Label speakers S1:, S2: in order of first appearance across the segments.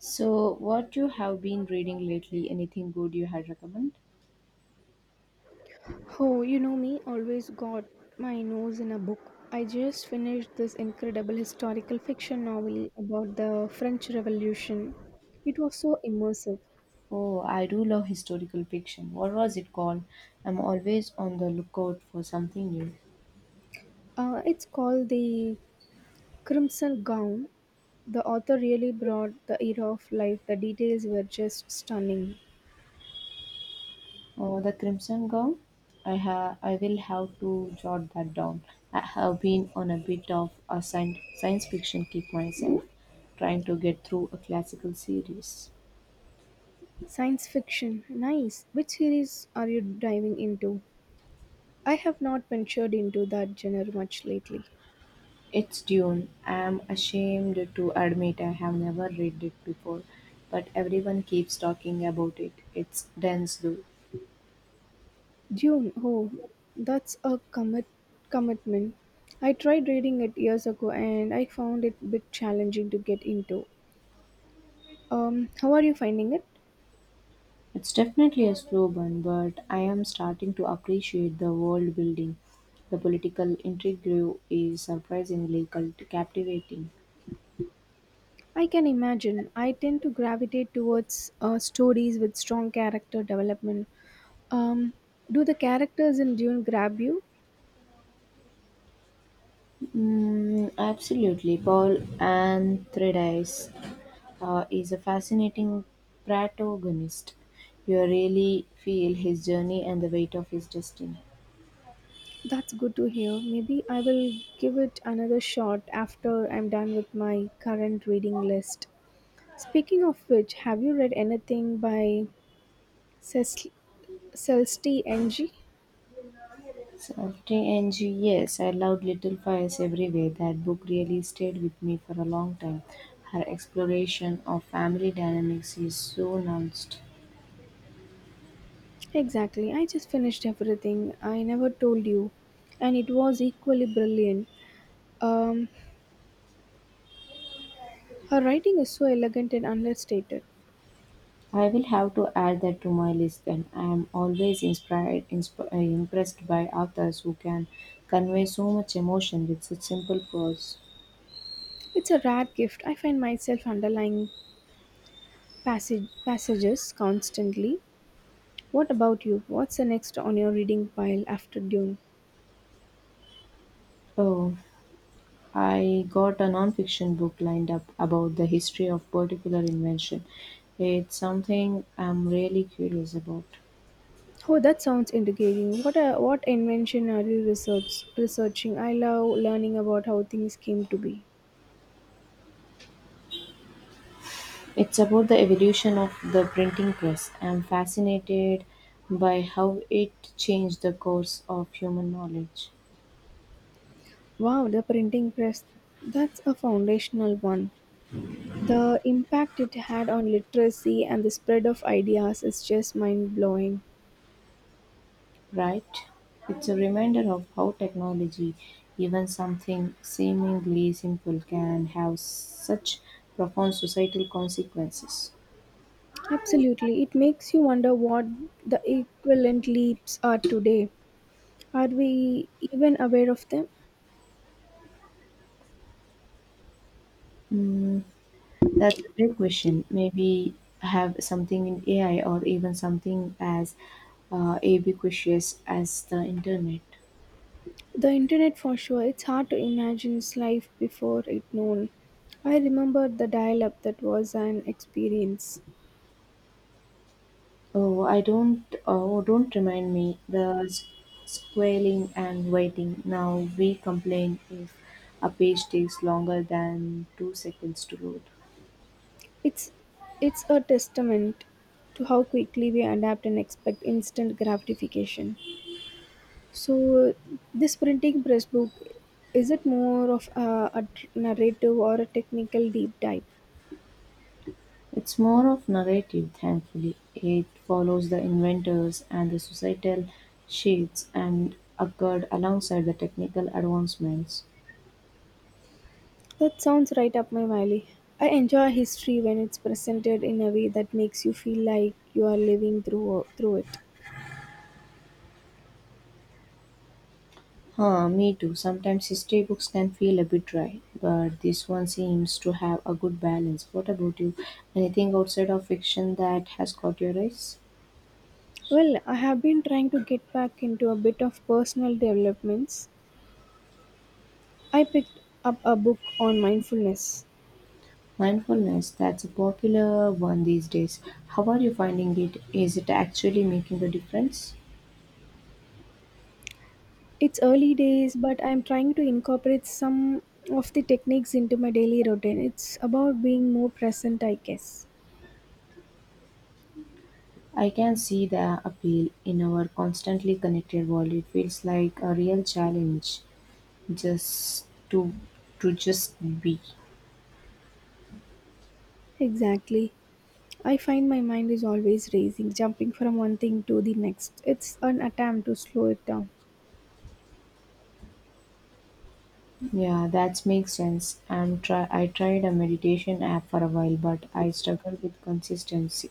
S1: So, what you have been reading lately? Anything good you had recommend?
S2: Oh, you know me, always got my nose in a book. I just finished this incredible historical fiction novel about the French Revolution. It was so immersive.
S1: Oh, I do love historical fiction. What was it called? I'm always on the lookout for something new.
S2: It's called The Crimson Gown. The author really brought the era of life. The details were just stunning.
S1: Oh, the Crimson Gown. I have. I will have to jot that down. I have been on a bit of a science fiction kick myself, trying to get through a classical series.
S2: Science fiction, nice. Which series are you diving into? I have not ventured into that genre much lately.
S1: It's Dune. I'm ashamed to admit I have never read it before, but everyone keeps talking about it. It's dense though.
S2: Dune, oh, that's a commitment. I tried reading it years ago and I found it a bit challenging to get into. How are you finding it?
S1: It's definitely a slow burn, but I am starting to appreciate the world building. The political intrigue is surprisingly captivating.
S2: I can imagine. I tend to gravitate towards stories with strong character development. Um, do the characters in Dune grab you?
S1: Mm, absolutely. Paul Anthrides is a fascinating protagonist. You really feel his journey and the weight of his destiny.
S2: That's good to hear. Maybe I will give it another shot after I'm done with my current reading list. Speaking of which, have you read anything by Cecil? Sells TNG?
S1: 70 ng, yes, I loved Little Fires Everywhere. That book really stayed with me for a long time. Her exploration of family dynamics is so nuanced.
S2: Exactly. I just finished everything I never told you. And it was equally brilliant. Um, her writing is so elegant and understated.
S1: I will have to add that to my list then. I am always impressed by authors who can convey so much emotion with such simple prose.
S2: It's a rare gift. I find myself underlying passages constantly. What about you? What's the next on your reading pile after Dune?
S1: Oh, I got a non-fiction book lined up about the history of particular invention. It's something I'm really curious about.
S2: Oh, that sounds intriguing. What invention are you researching? I love learning about how things came to be.
S1: It's about the evolution of the printing press. I'm fascinated by how it changed the course of human knowledge,
S2: Wow, the printing press. That's a foundational one. The impact it had on literacy and the spread of ideas is just mind blowing.
S1: right? It's a reminder of how technology, even something seemingly simple, can have such profound societal consequences.
S2: Absolutely. It makes you wonder what the equivalent leaps are today. Are we even aware of them?
S1: Mm, that's a great question. Maybe have something in AI or even something as ubiquitous as the internet.
S2: The internet for sure. It's hard to imagine life before it known. I remember the dial up that was an experience.
S1: Oh, I don't. Oh, don't remind me. The squalling and waiting. Now we complain if a page takes longer than 2 seconds to load.
S2: It's it's a testament to how quickly we adapt and expect instant gratification. So, this printing press book is it more of a narrative or a technical deep dive?
S1: It's more of narrative, thankfully. It follows the inventors and the societal shifts and occurred alongside the technical advancements.
S2: That sounds right up my alley. I enjoy history when it's presented in a way that makes you feel like you are living through it.
S1: Huh, me too. Sometimes history books can feel a bit dry, but this one seems to have a good balance. What about you? Anything outside of fiction that has caught your eyes?
S2: Well, I have been trying to get back into a bit of personal developments. I picked up a book on mindfulness.
S1: Mindfulness, that's a popular one these days. How are you finding it? Is it actually making a difference?
S2: It's early days, but I'm trying to incorporate some of the techniques into my daily routine. It's about being more present, I guess.
S1: I can see the appeal in our constantly connected world. It feels like a real challenge just to just be.
S2: Exactly. I find my mind is always racing, jumping from one thing to the next. It's an attempt to slow it down.
S1: Yeah, that makes sense. I tried a meditation app for a while, but I struggled with consistency.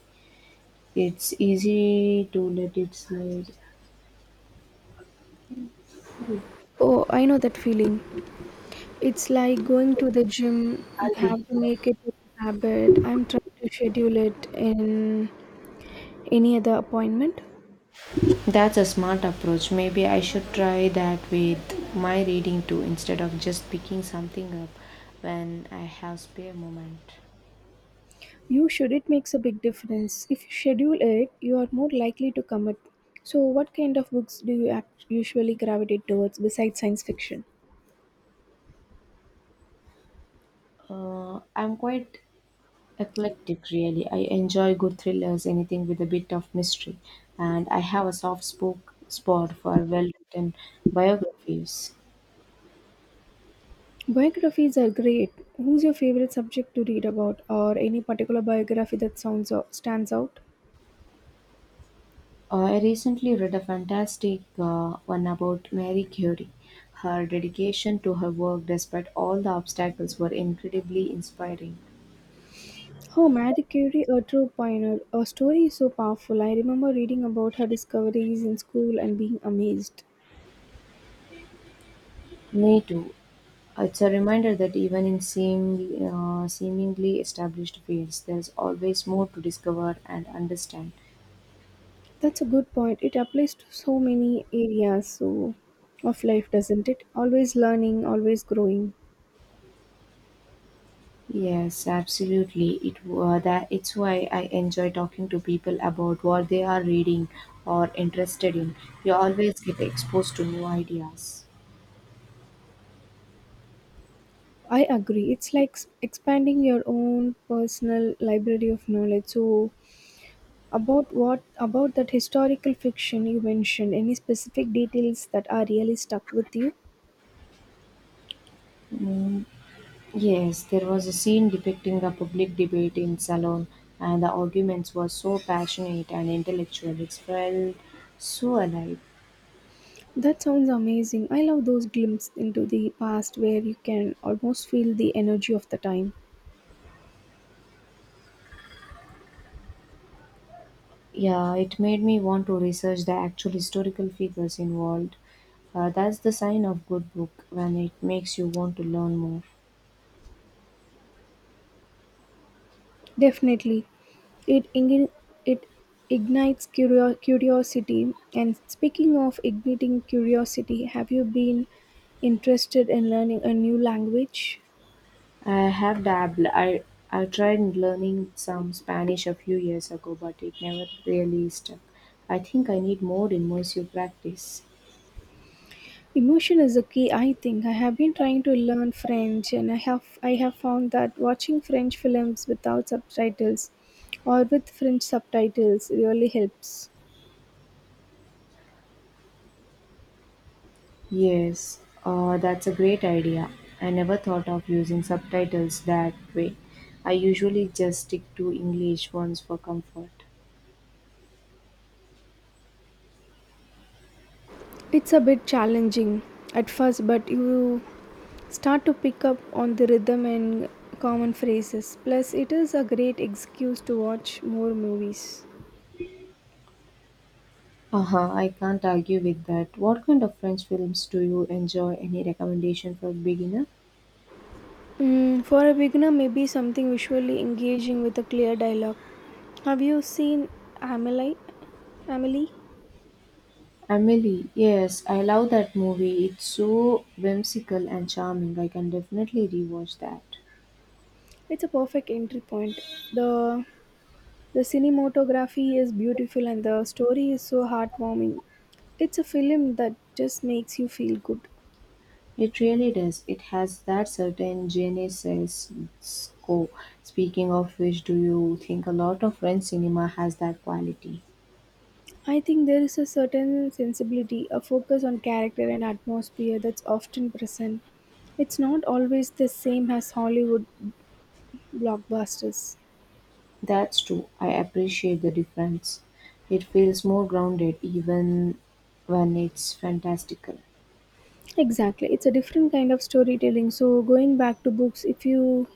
S1: It's easy to let it slide.
S2: Oh, I know that feeling. It's like going to the gym. You
S1: Auntie.
S2: have to make it a habit. I'm trying to schedule it in any other appointment.
S1: That's a smart approach. Maybe I should try that with my reading too, instead of just picking something up when I have spare moment.
S2: You should. It makes a big difference. If you schedule it, you are more likely to commit. So, what kind of books do you usually gravitate towards besides science fiction?
S1: I'm quite eclectic, really. I enjoy good thrillers, anything with a bit of mystery, and I have a soft spoke spot for well-written biographies.
S2: Biographies are great. Who's your favorite subject to read about, or any particular biography that stands out?
S1: I recently read a fantastic one about Mary Curie. Her dedication to her work, despite all the obstacles, were incredibly inspiring.
S2: Oh, Marie Curie, a true pioneer. Her story is so powerful. I remember reading about her discoveries in school and being amazed.
S1: Me too. It's a reminder that even in seemingly established fields, there's always more to discover and understand.
S2: That's a good point. It applies to so many areas of life, doesn't it? Always learning, always growing.
S1: Yes, absolutely. It wa- that It's why I enjoy talking to people about what they are reading or interested in. You always get exposed to new ideas.
S2: I agree. It's like expanding your own personal library of knowledge. So about what about that historical fiction you mentioned? Any specific details that are really stuck with you?
S1: Yes, there was a scene depicting a public debate in Salon, and the arguments were so passionate and intellectual. It felt so alive.
S2: That sounds amazing. I love those glimpses into the past where you can almost feel the energy of the time.
S1: Yeah, it made me want to research the actual historical figures involved. That's the sign of good book when it makes you want to learn more.
S2: Definitely, it igni- it ignites curiosity. And speaking of igniting curiosity, have you been interested in learning a new language?
S1: I have dabbled. I tried learning some Spanish a few years ago, but it never really stuck. I think I need more immersive practice.
S2: Emotion is a key, I think. I have been trying to learn French, and I have found that watching French films without subtitles or with French subtitles really helps.
S1: Yes, that's a great idea. I never thought of using subtitles that way. I usually just stick to English ones for comfort.
S2: It's a bit challenging at first, but you start to pick up on the rhythm and common phrases. Plus, it is a great excuse to watch more movies.
S1: Uh huh, I can't argue with that. What kind of French films do you enjoy? Any recommendation for beginner?
S2: Mm, for a beginner, maybe something visually engaging with a clear dialogue. Have you seen Amelie? Amelie?
S1: Emily, yes, I love that movie. It's so whimsical and charming. I can definitely rewatch that.
S2: It's a perfect entry point. The the cinematography is beautiful and the story is so heartwarming. It's a film that just makes you feel good.
S1: It really does. It has that certain je ne sais quoi. Speaking of which, do you think a lot of French cinema has that quality?
S2: I think there is a certain sensibility, a focus on character and atmosphere that's often present. It's not always the same as Hollywood blockbusters.
S1: That's true. I appreciate the difference. It feels more grounded even when it's fantastical.
S2: Exactly. It's a different kind of storytelling. So, going back to books, if you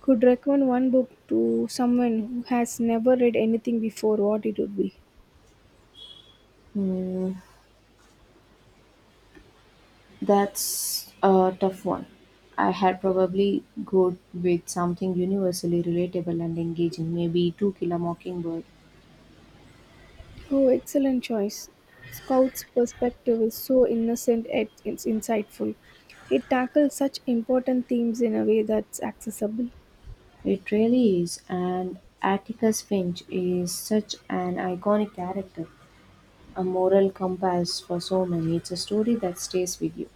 S2: could recommend one book to someone who has never read anything before, what it would be?
S1: Hmm. That's a tough one. I had probably go with something universally relatable and engaging, maybe To Kill a Mockingbird.
S2: Oh, excellent choice. Scout's perspective is so innocent yet it's insightful. It tackles such important themes in a way that's accessible.
S1: It really is, and Atticus Finch is such an iconic character, a moral compass for so many. It's a story that stays with you.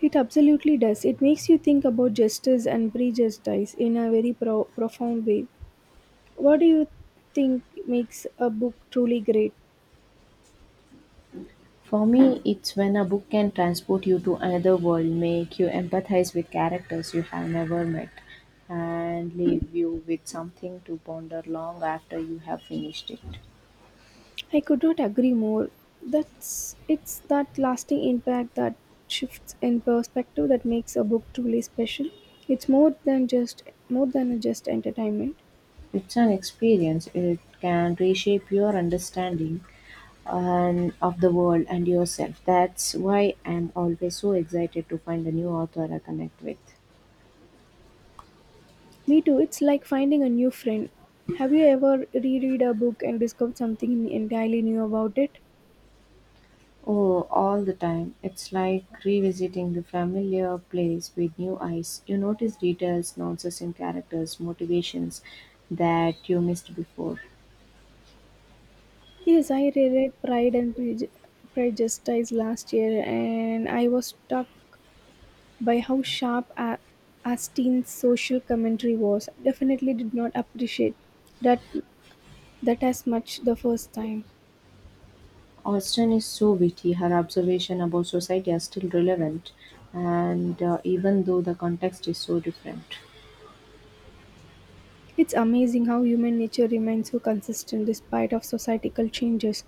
S2: It absolutely does. It makes you think about justice and prejudice in a very profound way. What do you think makes a book truly great?
S1: For me, it's when a book can transport you to another world, make you empathize with characters you have never met, and leave you with something to ponder long after you have finished it.
S2: I could not agree more. That's it's that lasting impact that shifts in perspective that makes a book truly special. It's more than just entertainment.
S1: It's an experience, it can reshape your understanding and of the world and yourself. That's why I'm always so excited to find a new author I connect with.
S2: Me too. It's like finding a new friend. Have you ever reread a book and discovered something entirely new about it?
S1: Oh, all the time. It's like revisiting the familiar place with new eyes. You notice details, nuances in characters, motivations that you missed before.
S2: Yes, I reread Prejudice last year, and I was struck by how sharp Austen's social commentary was. Definitely did not appreciate that that as much the first time.
S1: Austen is so witty. Her observation about society are still relevant, and even though the context is so different.
S2: It's amazing how human nature remains so consistent despite of societal changes.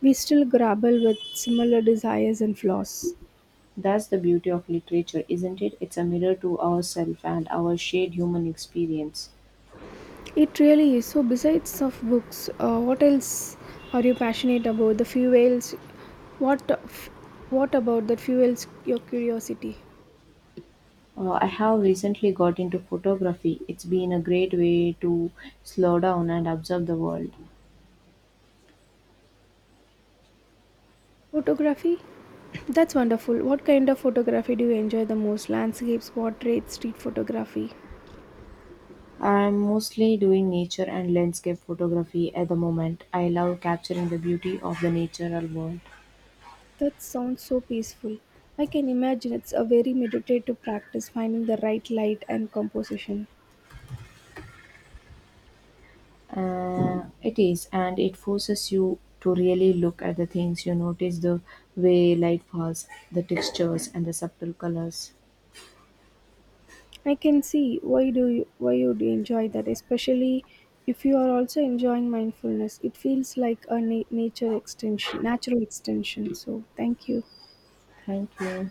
S2: We still grapple with similar desires and flaws.
S1: That's the beauty of literature, isn't it? It's a mirror to ourselves and our shared human experience.
S2: It really is. So, besides of books, what else are you passionate about? The fuels. What f- what about that fuels your curiosity?
S1: I have recently got into photography. It's been a great way to slow down and observe the world.
S2: Photography. That's wonderful. What kind of photography do you enjoy the most? Landscapes, portraits, street photography.
S1: I'm mostly doing nature and landscape photography at the moment. I love capturing the beauty of the natural world.
S2: That sounds so peaceful. I can imagine it's a very meditative practice finding the right light and composition.
S1: It is, and it forces you to really look at the things you notice the way light falls, the textures, and the subtle colors.
S2: I can see why you'd enjoy that, especially if you are also enjoying mindfulness. It feels like a natural extension. So thank you.
S1: Thank you.